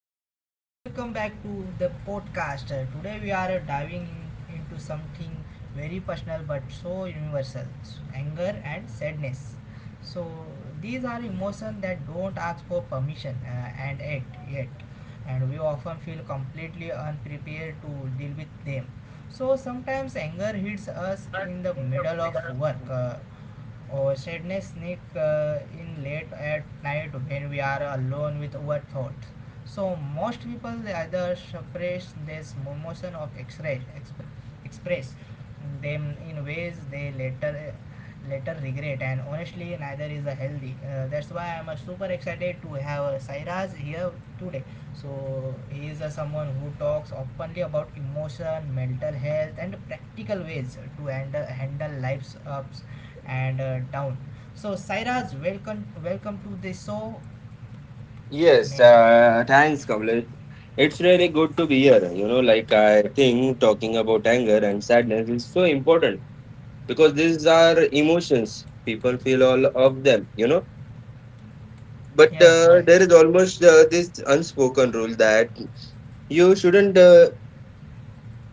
everyone, welcome back to the podcast. Today we are diving into something very personal but so universal, anger and sadness. So, these are emotions that don't ask for permission, and yet, and we often feel completely unprepared to deal with them. So, sometimes anger hits us in the middle of work, or sadness sneak in late at night when we are alone with our thoughts. So most people they either suppress this emotion of express them in ways they later regret, and honestly neither is a healthy, that's why I'm super excited to have Sairaj here today. So he is someone who talks openly about emotion, mental health, and practical ways to handle life's ups and down. So Sairaj, welcome to the show, Yes, man. Thanks, Kamlesh. It's really good to be here. Like I think talking about anger and sadness is so important because these are emotions. People feel all of them. But Yes, there yes, is almost this unspoken rule that you shouldn't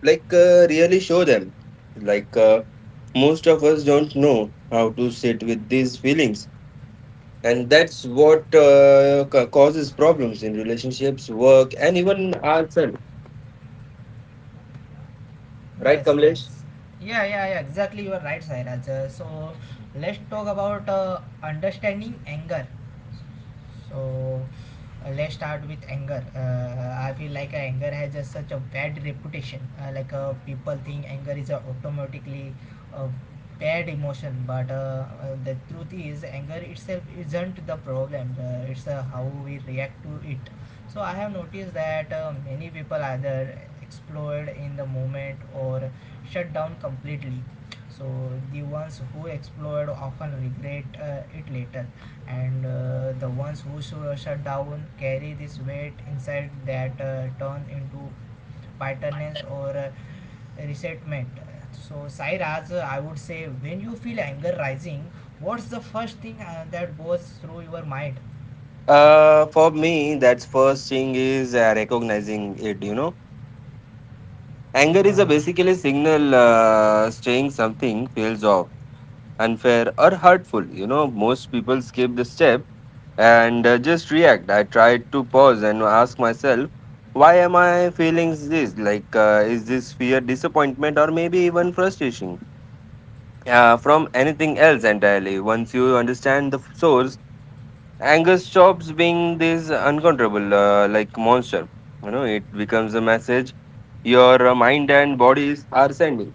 like really show them. Like most of us don't know how to sit with these feelings, and that's what causes problems in relationships, work, and even ourselves. Right, yes, Kamlesh? yes. Yeah, yeah, yeah. Exactly, you are right, Sairaj. So let's talk about understanding anger. So let's start with anger. I feel like anger has just such a bad reputation. Like people think anger is automatically a bad emotion, but the truth is anger itself isn't the problem. It's how we react to it. So I have noticed that many people either explode in the moment or shut down completely. So the ones who explode often regret it later, and the ones who so shut down carry this weight inside that turn into bitterness or resentment. So, Sairaj, I would say when you feel anger rising, what's the first thing that goes through your mind? For me, that's first thing is recognizing it. You know, anger is a Yeah. basically signal saying something feels off, unfair or hurtful. You know, most people skip the step and just react. I try to pause and ask myself, why am I feeling this? Like, is this fear, disappointment, or maybe even frustration? From anything else entirely. Once you understand the source, anger stops being this uncontrollable, like monster. You know, it becomes a message your mind and bodies are sending.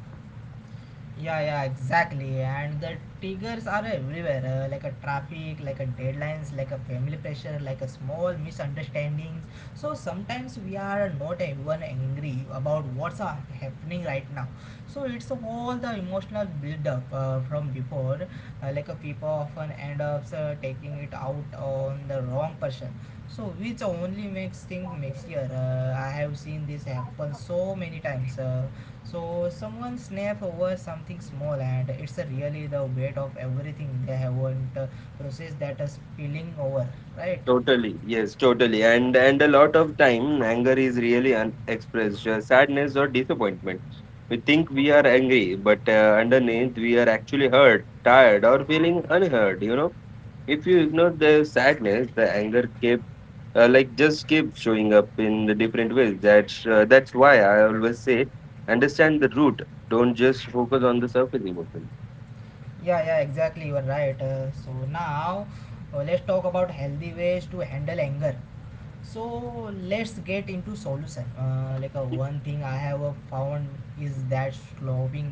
Yeah, yeah, exactly. And the triggers are everywhere, like a traffic, like a deadlines, like a family pressure, like a small misunderstandings. So sometimes we are not even angry about what's happening right now. So it's all the emotional build up from before. Like a people often end up taking it out on the wrong person. So which only makes things messier. I have seen this happen so many times. So someone snap over something small and it's a really the weight of everything they haven't processed that is spilling over, right? Totally, yes, totally. And a lot of time, anger is really unexpressed sadness or disappointment. We think we are angry, but underneath, we are actually hurt, tired, or feeling unheard. You know, if you ignore the sadness the anger keep like just keep showing up in the different ways. That's why I always say understand the root. Don't just focus on the surface emotion. Yeah, yeah, exactly. You are right. So now let's talk about healthy ways to handle anger. So let's get into solution, like one thing I have found is that slowing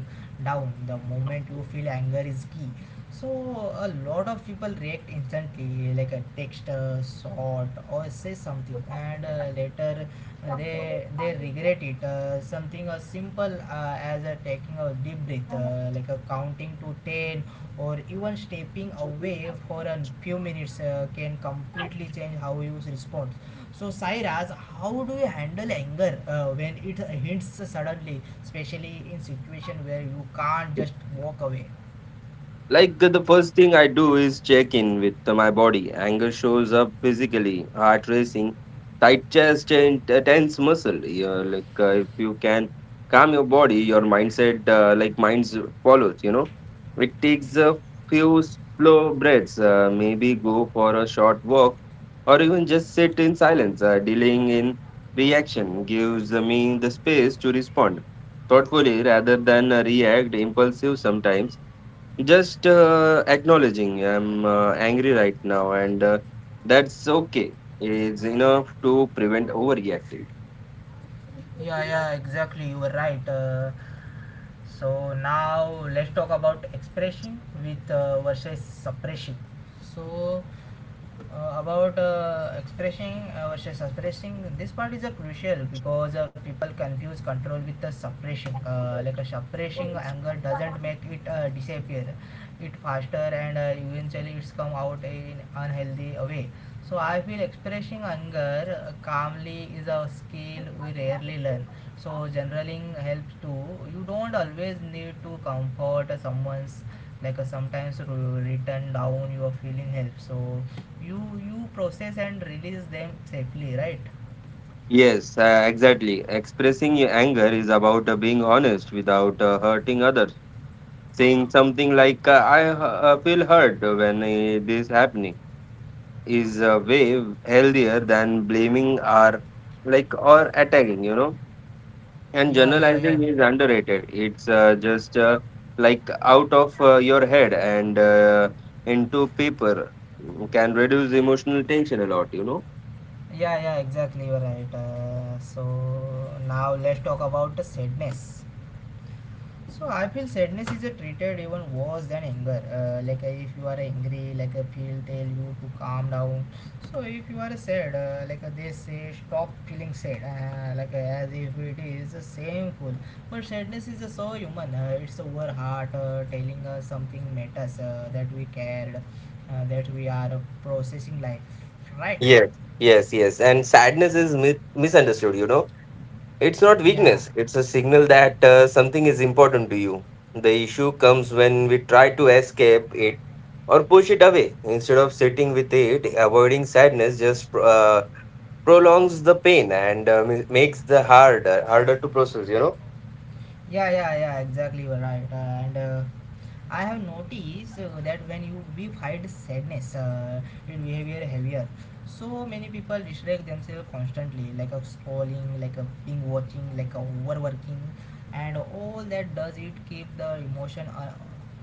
down the moment you feel anger is key. So a lot of people react instantly, like a text short or say something, and later they regret it. Something as simple as taking a deep breath, like a counting to 10, or even stepping away for a few minutes can completely change how you respond. So, Sairaj, how do you handle anger when it hits suddenly, especially in situation where you can't just walk away? Like the first thing I do is check in with my body. Anger shows up physically, heart racing, tight chest, and tense muscle. Yeah, like if you can calm your body, your minds follows. You know, it takes a few slow breaths. Maybe go for a short walk, or even just sit in silence. Dealing in reaction gives me the space to respond thoughtfully rather than react impulsive. Sometimes just acknowledging I'm angry right now, and that's okay. It's enough to prevent overreacting. Yeah, yeah, exactly. You were right. So now let's talk about expression with versus suppression. So about expressing versus suppressing. This part is a crucial because people confuse control with the suppressing, like a suppressing anger doesn't make it disappear. It faster and eventually it's come out in unhealthy way. So I feel expressing anger calmly is a skill we rarely learn. So generaling helps too. You don't always need to comfort someone's, like sometimes written down your feeling helps, so you process and release them safely, right? Yes, exactly. Expressing your anger is about being honest without hurting others. Saying something like "I feel hurt when this happening" is way healthier than blaming or attacking. You know. And Yeah, yeah, yeah. generalizing is underrated. It's just like out of your head and into paper can reduce emotional tension a lot. Yeah, yeah, exactly. You are right. So now let's talk about the sadness. So I feel sadness is a treated even worse than anger. Like if you are angry, like a feel tell you to calm down. So if you are sad, like they say, stop feeling sad, like as if it is shameful. But sadness is so human. It's our heart telling us something matters, that we cared, that we are processing life. Right? Yes, yes, yes. And sadness is misunderstood. It's not Yeah. weakness, it's a signal that something is important to you. The issue comes when we try to escape it or push it away. Instead of sitting with it, avoiding sadness just prolongs the pain and makes the harder to process. Yeah, yeah, yeah. Exactly. You're right. And. I have noticed that when you we find sadness in behavior heavier, so many people distract themselves constantly, like a scrolling, like a being watching, like a overworking, and all that does it keep the emotion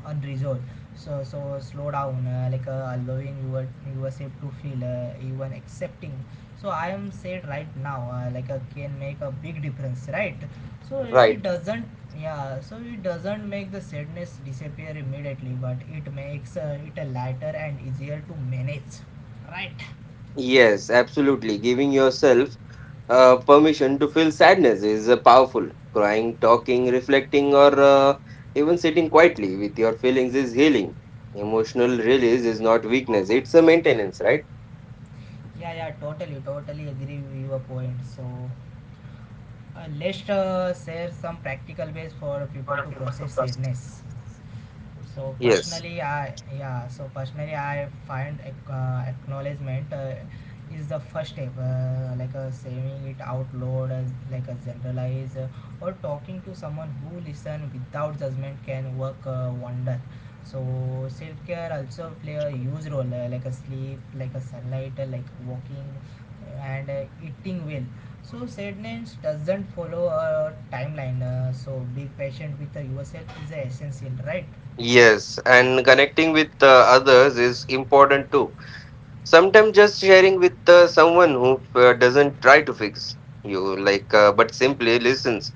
unresolved. So so slow down, like allowing yourself to feel, even accepting. So I am said right now, like can make a big difference, right? So it Right. doesn't, yeah. So it doesn't make the sadness disappear immediately, but it makes it a lighter and easier to manage. Right? Yes, absolutely. Giving yourself permission to feel sadness is powerful. Crying, talking, reflecting, or even sitting quietly with your feelings is healing. Emotional release is not weakness, it's a maintenance, right? Yeah, yeah. Totally, totally agree with your point. So let's share some practical ways for people to process sadness. So Yes. personally, I yeah. So personally, I find acknowledgement is the first step, like saying it out loud, as like a generalize, or talking to someone who listen without judgment can work wonder. So self care also play a huge role, like a sleep, like a sunlight, like walking, and eating well. So sadness doesn't follow a timeline. So be patient with yourself is essential, right? Yes, and connecting with others is important too. Sometimes just sharing with someone who doesn't try to fix you, like, but simply listens,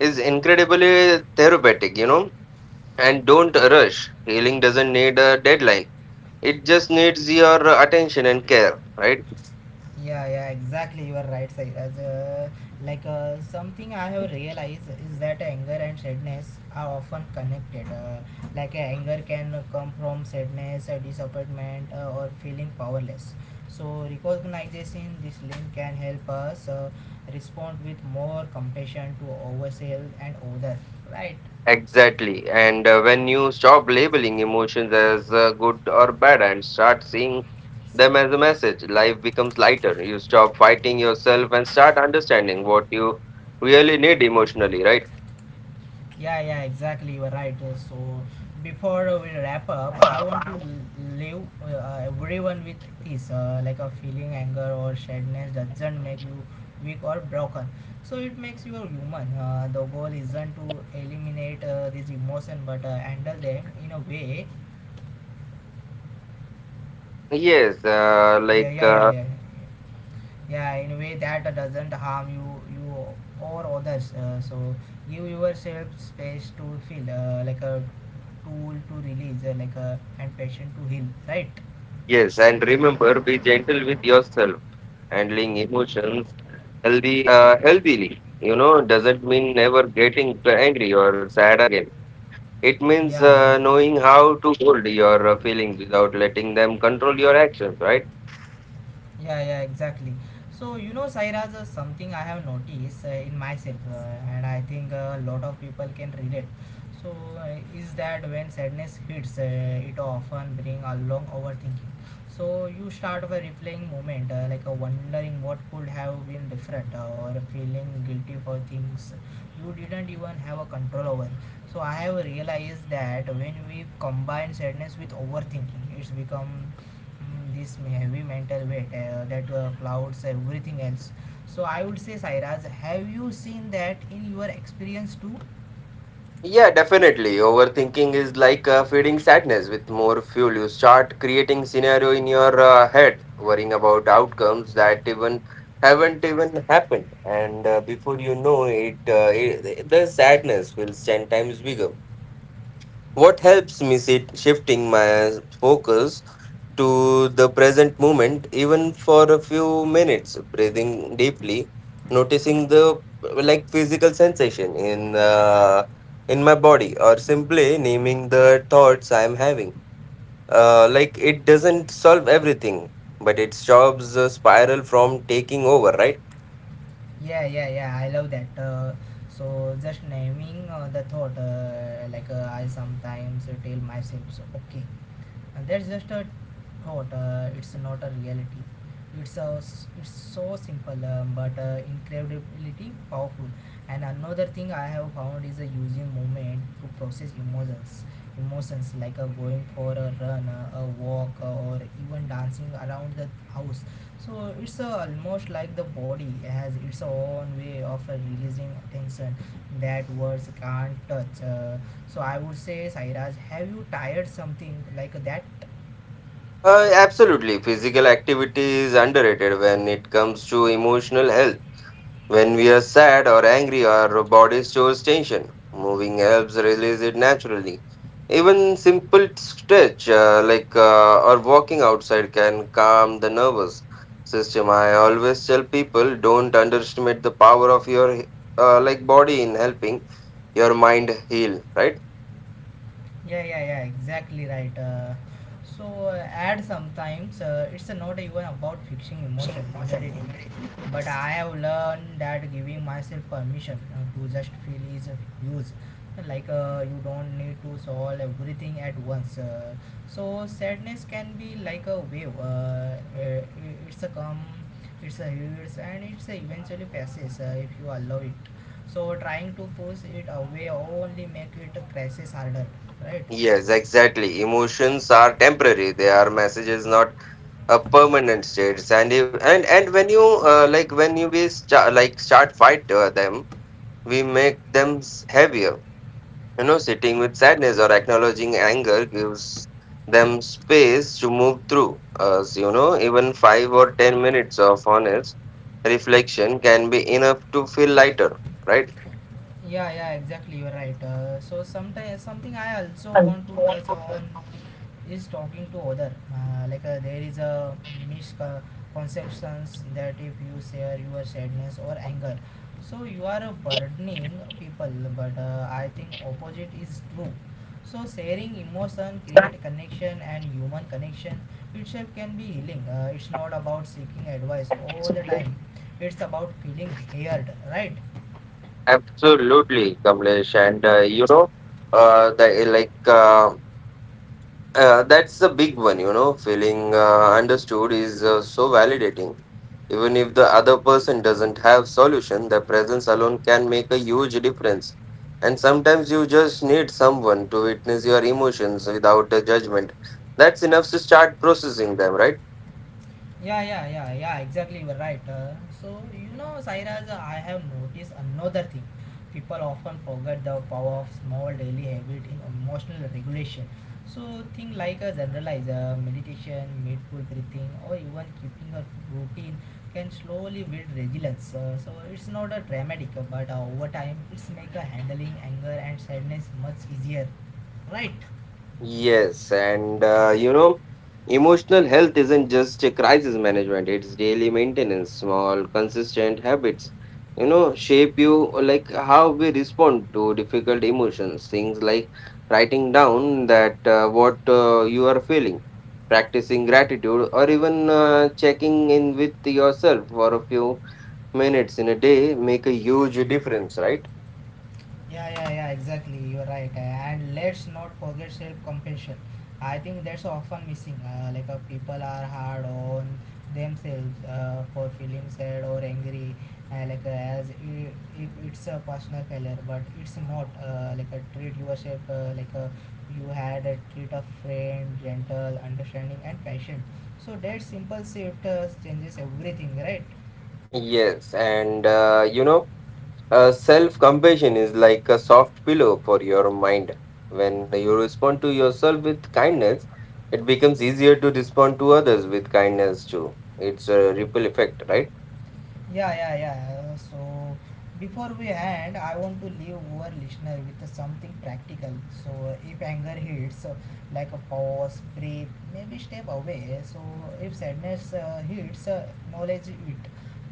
is incredibly therapeutic. And don't rush. Healing doesn't need a deadline, it just needs your attention and care, right? Yeah, yeah, exactly. You are right, Sairaj. Like something I have realized is that anger and sadness are often connected. Like anger can come from sadness, disappointment, or feeling powerless. So recognizing this link can help us respond with more compassion to ourselves and others. Right. Exactly. And when you stop labeling emotions as good or bad and start seeing them as a message, life becomes lighter. You stop fighting yourself and start understanding what you really need emotionally, right? Yeah, yeah, exactly. You are right. So, before we wrap up, I want to leave everyone with this, like a feeling anger or sadness doesn't make you weak or broken. So, it makes you a human. The goal isn't to eliminate this emotion but handle them in a way. Yes, Yeah, yeah, yeah, yeah. Yeah, in a way that doesn't harm you or others, so give yourself space to feel, like a tool to release, like a and patient to heal, right? yes, and remember, be gentle with yourself. Handling emotions healthily, you know, doesn't mean never getting angry or sad again. It means Yeah, knowing yeah. how to hold your feelings without letting them control your actions, right? Yeah, yeah, exactly. So, you know, Sairaj, something I have noticed in myself, and I think a lot of people can relate. So, is that when sadness hits, it often brings along overthinking. So, you start by replaying moment, like wondering what could have been different, or feeling guilty for things you didn't even have a control over. So, I have realized that when we combine sadness with overthinking, it's become Mm, this heavy mental weight that clouds everything else. So I would say, Sairaj, have you seen that in your experience too? Yeah, definitely. Overthinking is like feeding sadness with more fuel. You start creating scenario in your head, worrying about outcomes that even haven't even happened, and before you know it, the sadness feels 10 times bigger. What helps me sit shifting my focus to the present moment, even for a few minutes, breathing deeply, noticing the like physical sensation in my body, or simply naming the thoughts I am having. Like it doesn't solve everything, but it stops the spiral from taking over, right? Yeah, yeah, yeah. I love that. So just naming the thought, like I sometimes tell myself, so, okay, and that's just a thought, it's not a reality. It's a. It's so simple, but incredibly powerful. And another thing I have found is a using movement to process emotions, like going for a run, a walk, or even dancing around the house. So it's almost like the body has its own way of releasing tension that words can't touch. So I would say, Sairaj, have you tired something like that? Absolutely. Physical activity is underrated when it comes to emotional health. When we are sad or angry, our body stores tension. Moving helps release it naturally. Even simple stretch or walking outside can calm the nervous system. I always tell people don't underestimate the power of your like body in helping your mind heal. Right? Yeah, yeah, yeah, exactly, right. So, ad Sometimes it's not even about fixing emotion immediately, but I have learned that giving myself permission to just feel is use. Like, you don't need to solve everything at once. So, sadness can be like a wave, uh, it's a come, it's a hurts, and it's a eventually passes if you allow it. So, trying to push it away only make it a crisis harder. Right. Yes, exactly. Emotions are temporary. They are messages, not a permanent state. And if, and when you like when you be sta- like start fight them we make them heavier. You know, sitting with sadness or acknowledging anger gives them space to move through us. You know, even 5 or 10 minutes of honest reflection can be enough to feel lighter, right? Yeah, yeah, exactly. You're right. So sometimes something I also want to touch on is talking to other. Like there is a misconceptions that if you share your sadness or anger, so you are burdening people. But I think opposite is true. So sharing emotion, create connection, and human connection itself can be healing. It's not about seeking advice all the time. It's about feeling heard, right? Absolutely, Kamlesh. And you know, the like. That's a big one. Feeling understood is so validating. Even if the other person doesn't have solution, their presence alone can make a huge difference. And sometimes you just need someone to witness your emotions without a judgment. That's enough to start processing them, right? Yeah, yeah, yeah, yeah, exactly. You're right. So, you know, Sairaj, I have noticed another thing. People often forget the power of small daily habit in emotional regulation. So, thing like a generalized, meditation, mindful breathing, or even keeping a routine can slowly build resilience. So, it's not a dramatic, but over time, it's make a handling anger and sadness much easier. Right? Yes, and you know, emotional health isn't just a crisis management, it's daily maintenance, small, consistent habits, shape you like how we respond to difficult emotions. Things like writing down that what you are feeling, practicing gratitude, or even checking in with yourself for a few minutes in a day make a huge difference, right? Yeah, yeah, yeah, exactly. You're right. And let's not forget self compassion. I think that's often missing. People are hard on themselves for feeling sad or angry, uh, like, uh, as i- if it's a personal failure, but it's not. Treat yourself like you had a treat a friend, gentle, understanding, and patient. So, that simple shift changes everything, right? Yes, and you know, self-compassion is like a soft pillow for your mind. When you respond to yourself with kindness, it becomes easier to respond to others with kindness too. It's a ripple effect, right? Yeah, yeah, yeah. So before we end, I want to leave our listener with something practical. So if anger hits, like a pause, breathe, maybe step away. So if sadness hits, acknowledge it,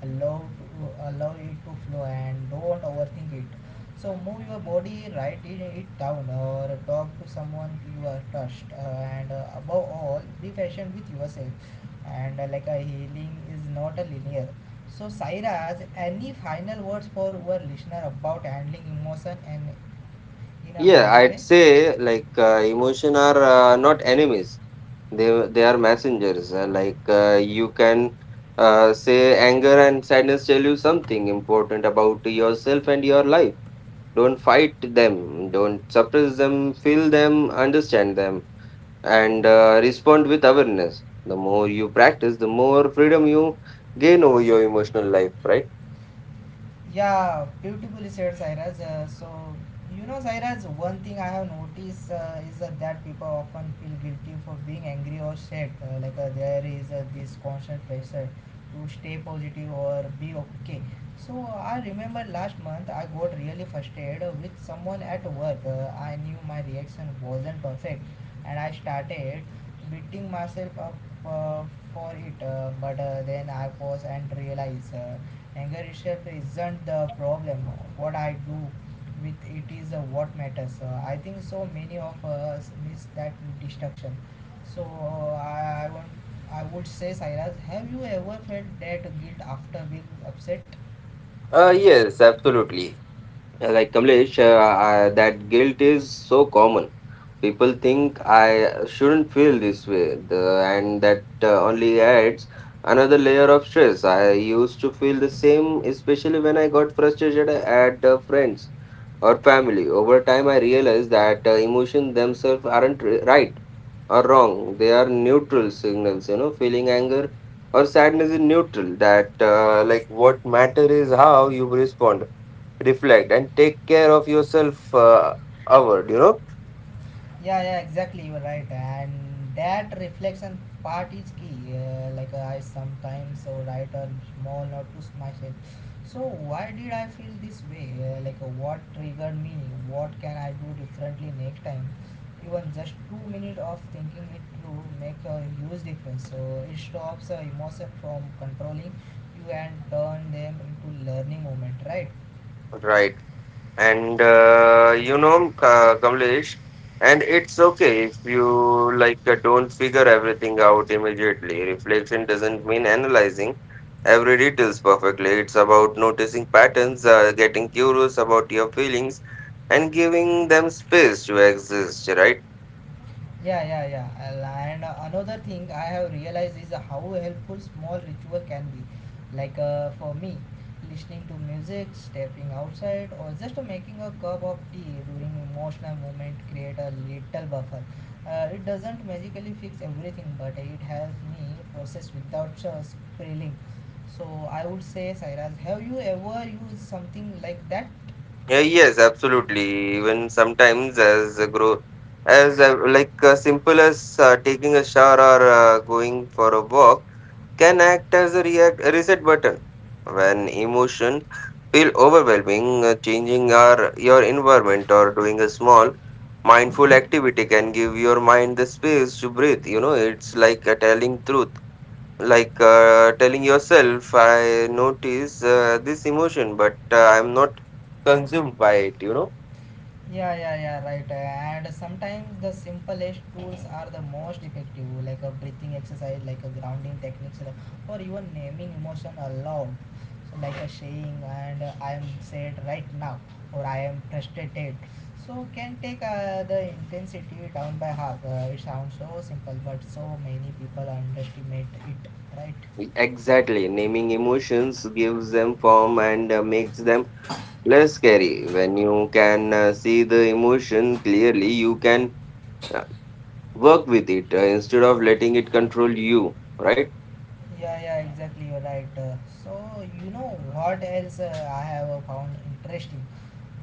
allow it to flow, and don't overthink it. So move your body, write it down, or talk to someone you are touched, and above all, be patient with yourself. And like a healing is not a linear so, Sairaj, any final words for our listener about handling emotion and in a Yeah, healthy I'd way? say like emotion are not enemies. They are messengers. Like you can say anger and sadness tell you something important about yourself and your life. Don't fight them, don't suppress them, feel them, understand them, and respond with awareness. The more you practice, the more freedom you gain over your emotional life, right? Yeah, beautifully said, Cyrus. You know, Cyrus, one thing I have noticed is that people often feel guilty for being angry or sad. There is this constant pressure to stay positive or be okay. So, I remember last month I got really frustrated with someone at work. I knew my reaction wasn't perfect and I started beating myself up uh, for it. But then I paused and realized. Anger itself isn't the problem. What I do with it is what matters. I think so many of us miss that destruction. So uh, I, I want, I would say, Cyrus, have you ever felt that guilt after being upset? Yes, absolutely. Like Kamlesh, that guilt is so common. People think I shouldn't feel this way, and that only adds another layer of stress. I used to feel the same, especially when I got frustrated at friends or family. Over time, I realized that emotions themselves aren't right are wrong. They are neutral signals, you know, feeling anger or sadness is neutral. That, like, what matter is how you respond, reflect, and take care of yourself, outward. Yeah, yeah, exactly. You're right, and that reflection part is key. I sometimes write a small note to myself. So why did I feel this way? What triggered me? What can I do differently next time? Even just 2 minutes of thinking it through make a huge difference. So it stops emotion from controlling you and turn them into learning moment, right? Right. And you know, Kamlesh, and it's okay if you like don't figure everything out immediately. Reflection doesn't mean analyzing every details perfectly. It's about noticing patterns, getting curious about your feelings, and giving them space to exist. Right? Yeah, yeah, yeah. And another thing I have realized is how helpful small ritual can be. For me, listening to music, stepping outside, or just making a cup of tea during emotional moment create a little buffer. It doesn't magically fix everything, but it helps me process without spilling. So I would say, Sairaj, have you ever used something like that? Yeah, yes, absolutely. Even sometimes, as a grow, as like simple as taking a shower or going for a walk can act as a react reset button when emotion feel overwhelming. Changing our your environment or doing a small mindful activity can give your mind the space to breathe. It's like a telling truth like telling yourself I notice this emotion, but I'm not consumed by it. Yeah, yeah, yeah, right. And sometimes the simplest tools are the most effective, like a breathing exercise, like a grounding techniques, or even naming emotion aloud. So, like a saying, and I am sad right now, or I am frustrated. So, can take the intensity down by half. It sounds so simple, but so many people underestimate it, right? Exactly, naming emotions gives them form and makes them less scary. When you can see the emotion clearly, you can uh, work with it instead of letting it control you, right? Yeah, yeah, exactly. You're right. So, you know what else I have found interesting?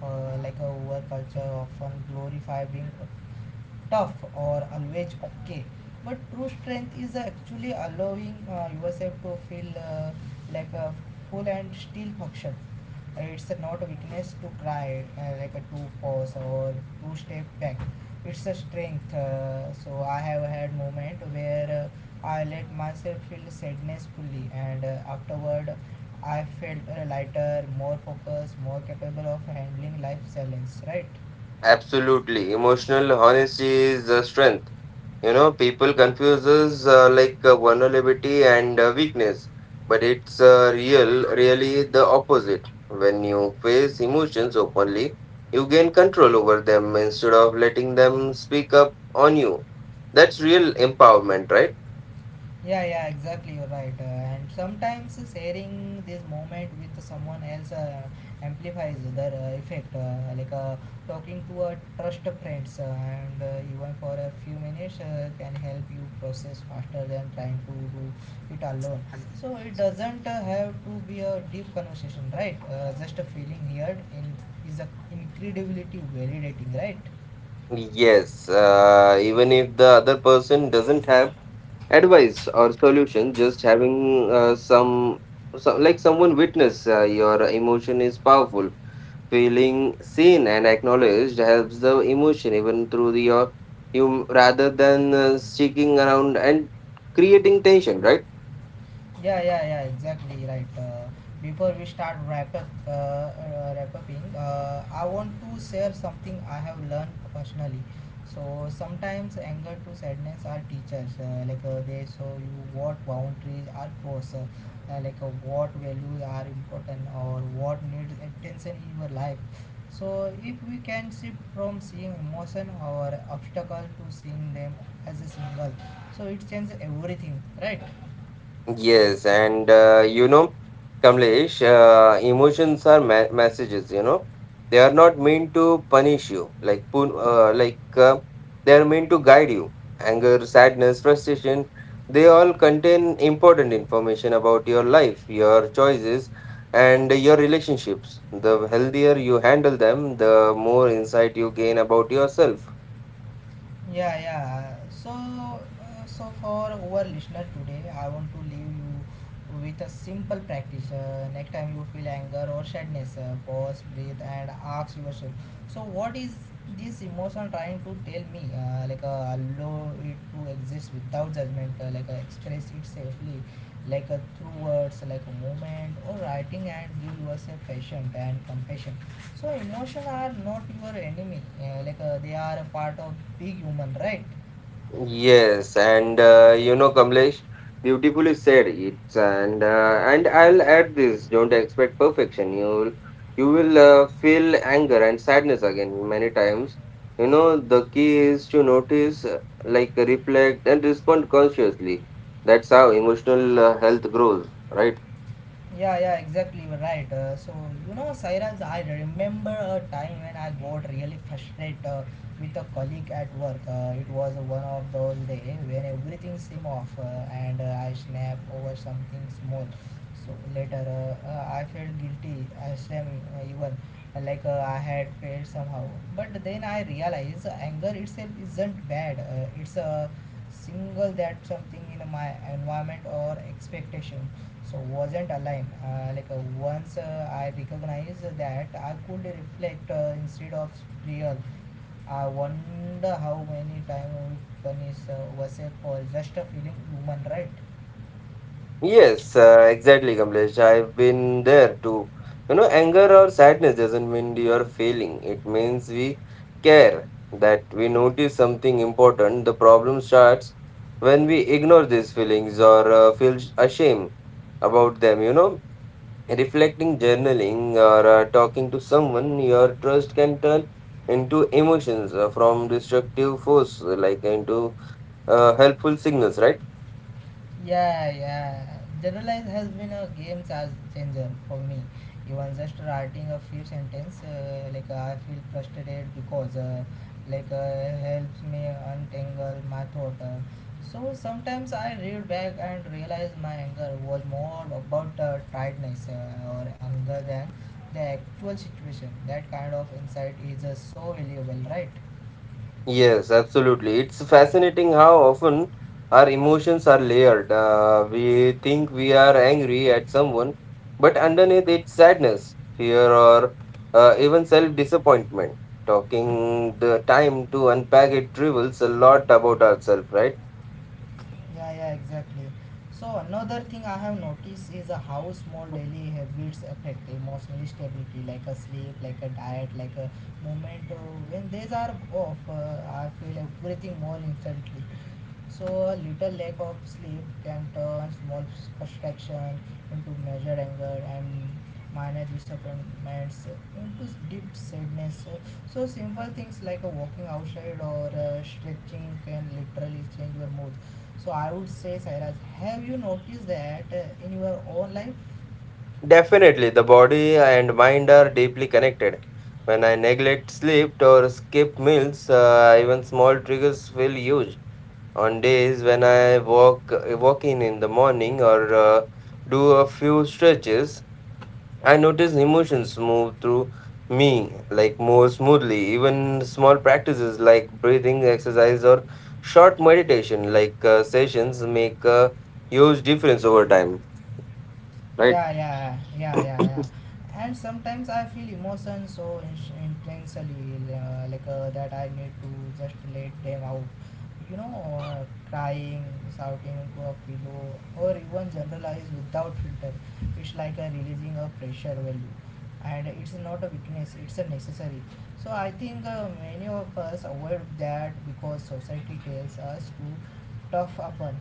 Like a our culture often glorify being tough or always okay but true strength is actually allowing yourself to feel like a full and still function it's not weakness to cry like a two pause or two step back it's a strength so I have had moment where I let myself feel sadness fully and afterward I felt lighter more focused more capable of handling life challenge right. Absolutely. Emotional honesty is strength. You know, people confuses like vulnerability and weakness, but it's really the opposite. When you face emotions openly, you gain control over them instead of letting them speak up on you. That's real empowerment, right? Yeah, yeah, exactly. You're right. And sometimes sharing this moment with someone else amplifies the effect. Talking to a trust friends and even for a few minutes can help you process faster than trying to do it alone. So it doesn't have to be a deep conversation, right? Just a feeling heard in is a incredibly validating, right? Yes, even if the other person doesn't have advice or solution, just having like someone witness your emotion is powerful. Feeling seen and acknowledged helps the emotion even through the your you rather than sticking around and creating tension, right? Yeah, yeah, yeah, exactly right. Before we start wrap upping, I want to share something I have learned personally. So sometimes anger to sadness are teachers. They show you what boundaries are crossed, what values are important, or what needs attention in your life. So if we can shift from seeing emotion or obstacle to seeing them as a single, so it changes everything, right? Yes, and you know, Kamlesh, emotions are messages. You know, they are not meant to punish you. Like, they are meant to guide you. Anger, sadness, frustration, they all contain important information about your life, your choices, and your relationships. The healthier you handle them, the more insight you gain about yourself. Yeah, yeah. So for our listener today, I want to leave you with a simple practice. Next time you feel anger or sadness, pause, breathe, and ask yourself. So, what is this emotion trying to tell me? Allow it to exist without judgment. Express it safely, through words, like a movement or writing, and give yourself patience and compassion so emotions are not your enemy they are a part of big human right. Yes, and you know, Kamlesh, beautifully said it. And I'll add this: don't expect perfection. You will feel anger and sadness again many times. You know, the key is to notice, like reflect, and respond consciously. That's how emotional health grows, right? Yeah, yeah, exactly. You're right. You know, Sairaj, I remember a time when I got really frustrated with a colleague at work. It was one of those days when everything seemed off and I snapped over something small. So later I felt guilty, I shame even like I had failed somehow. But then I realized anger itself isn't bad, it's a single that something in my environment or expectation so wasn't aligned once I recognized that I could reflect instead of real I wonder how many times we punish ourselves for just feeling human right. Yes, exactly, Kamlesh. I've been there too. You know, anger or sadness doesn't mean you're failing. It means we care, that we notice something important. The problem starts when we ignore these feelings or feel ashamed about them. You know, reflecting, journaling, or talking to someone, your trust can turn into emotions from destructive force, like into helpful signals, right? Yeah, yeah. Generalize has been a changer for me. Even just writing a few sentences, like I feel frustrated because, helps me untangle my thought. So sometimes I read back and realize my anger was more about tiredness or anger than the actual situation. That kind of insight is so valuable, right? Yes, absolutely. It's fascinating how often our emotions are layered. We think we are angry at someone, but underneath it's sadness, fear, or even self disappointment. Talking the time to unpack it reveals a lot about ourselves, right? Yeah, yeah, exactly. So another thing I have noticed is how small daily habits affect emotional stability, like a sleep, like a diet, like a movement. When these are off, I feel everything more instantly. So a little lack of sleep can turn small frustration into major anger and minor disappointments into deep sadness. So simple things like a walking outside or stretching can literally change your mood. So I would say, Cyrus, have you noticed that in your own life? Definitely, the body and mind are deeply connected. When I neglect sleep or skip meals, even small triggers feel huge on days when I walk in the morning or do a few stretches, I notice emotions move through me like more smoothly. Even small practices like breathing exercise or short meditation like sessions make a huge difference over time. Right. Yeah, yeah, yeah, yeah, yeah. And sometimes I feel emotion so intensely that I need to just let them out, you know. Crying, shouting to a pillow or even generalize without filter, it's like a releasing a pressure value, and it's not a weakness, it's a necessary. So I think many of us avoid that because society tells us to tough upon,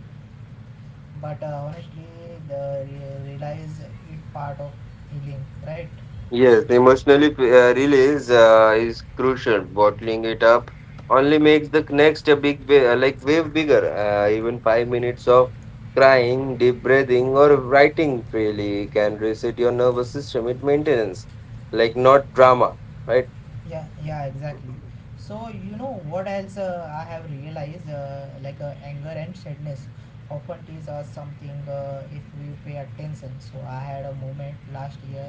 but honestly the realize it part of healing right. Yes, the emotional release is crucial. Bottling it up only makes the next a big wave bigger. Even 5 minutes of crying, deep breathing, or writing freely can reset your nervous system. It maintains like not drama, right? Yeah, yeah, exactly. So you know what else I have realized anger and sadness often tease us something if we pay attention. So I had a moment last year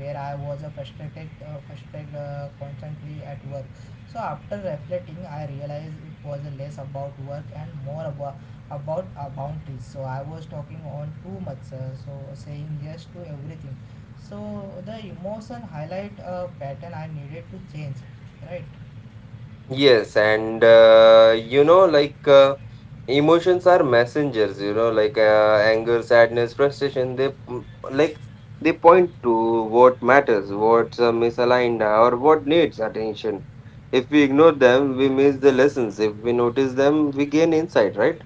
where I was frustrated constantly at work. So after reflecting I realized it was less about work and more about our boundaries. So I was talking on too much, so saying yes to everything, so the emotion highlight a pattern I needed to change, right? Yes, and you know, like emotions are messengers. You know, like anger, sadness, frustration. They mm, like they point to what matters, what's misaligned, or what needs attention. If we ignore them, we miss the lessons. If we notice them, we gain insight. Right.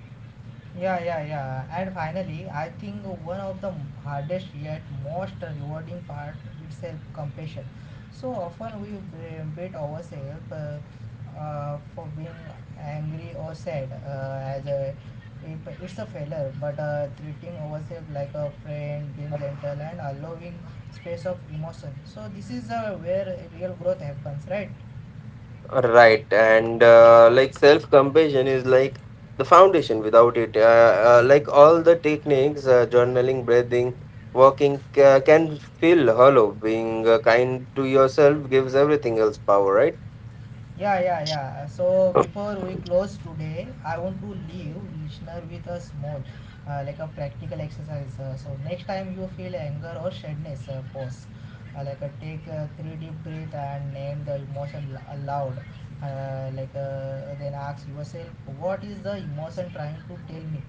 Yeah, yeah, yeah. And finally, I think one of the hardest yet most rewarding part is self-compassion. So often we beat ourselves for being angry or sad as a if it's a failure, but treating ourselves like a friend, being gentle and allowing space of emotion. So this is where real growth happens, right? Right, and like self compassion is like the foundation. Without it, like all the techniques, journaling, breathing, walking can feel hollow. Being kind to yourself gives everything else power, right? Yeah, yeah, yeah. So before we close today, I want to leave listener with a small, like a practical exercise. So next time you feel anger or sadness, pause. Take three deep breath and name the emotion aloud. Then ask yourself, what is the emotion trying to tell me?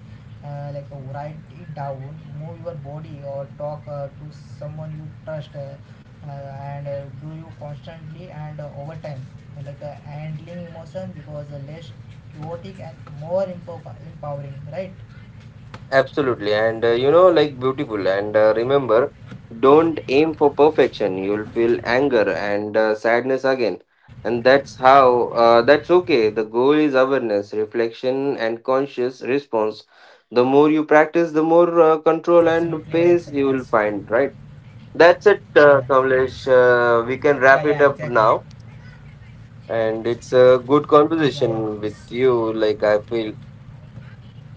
Write it down, move your body or talk to someone you trust. And do you constantly and over time handling emotion because less chaotic and more empowering right. Absolutely. And you know, like beautiful. And remember, don't aim for perfection. You'll feel anger and sadness again. And that's that's okay. The goal is awareness, reflection, and conscious Yes, yes, response. absolutely right, The more you Sairaj. practice, the more control and Yeah, pace yeah, you will find, right? That's yeah, it, yeah, exactly. Kamlesh. We can wrap it up now. Yeah, And yeah, it's a S- good conversation with you. Like, I feel.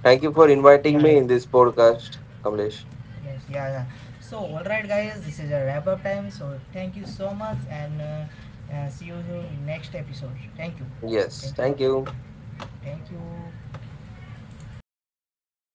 Thank you for yeah, yeah, inviting me in this podcast, Kamlesh. yes, yeah, yeah. So, all right, guys, this is a wrap up time. So, thank you so much, and see you in next episode. Thank you, Yes, thank you, thank you. thank you.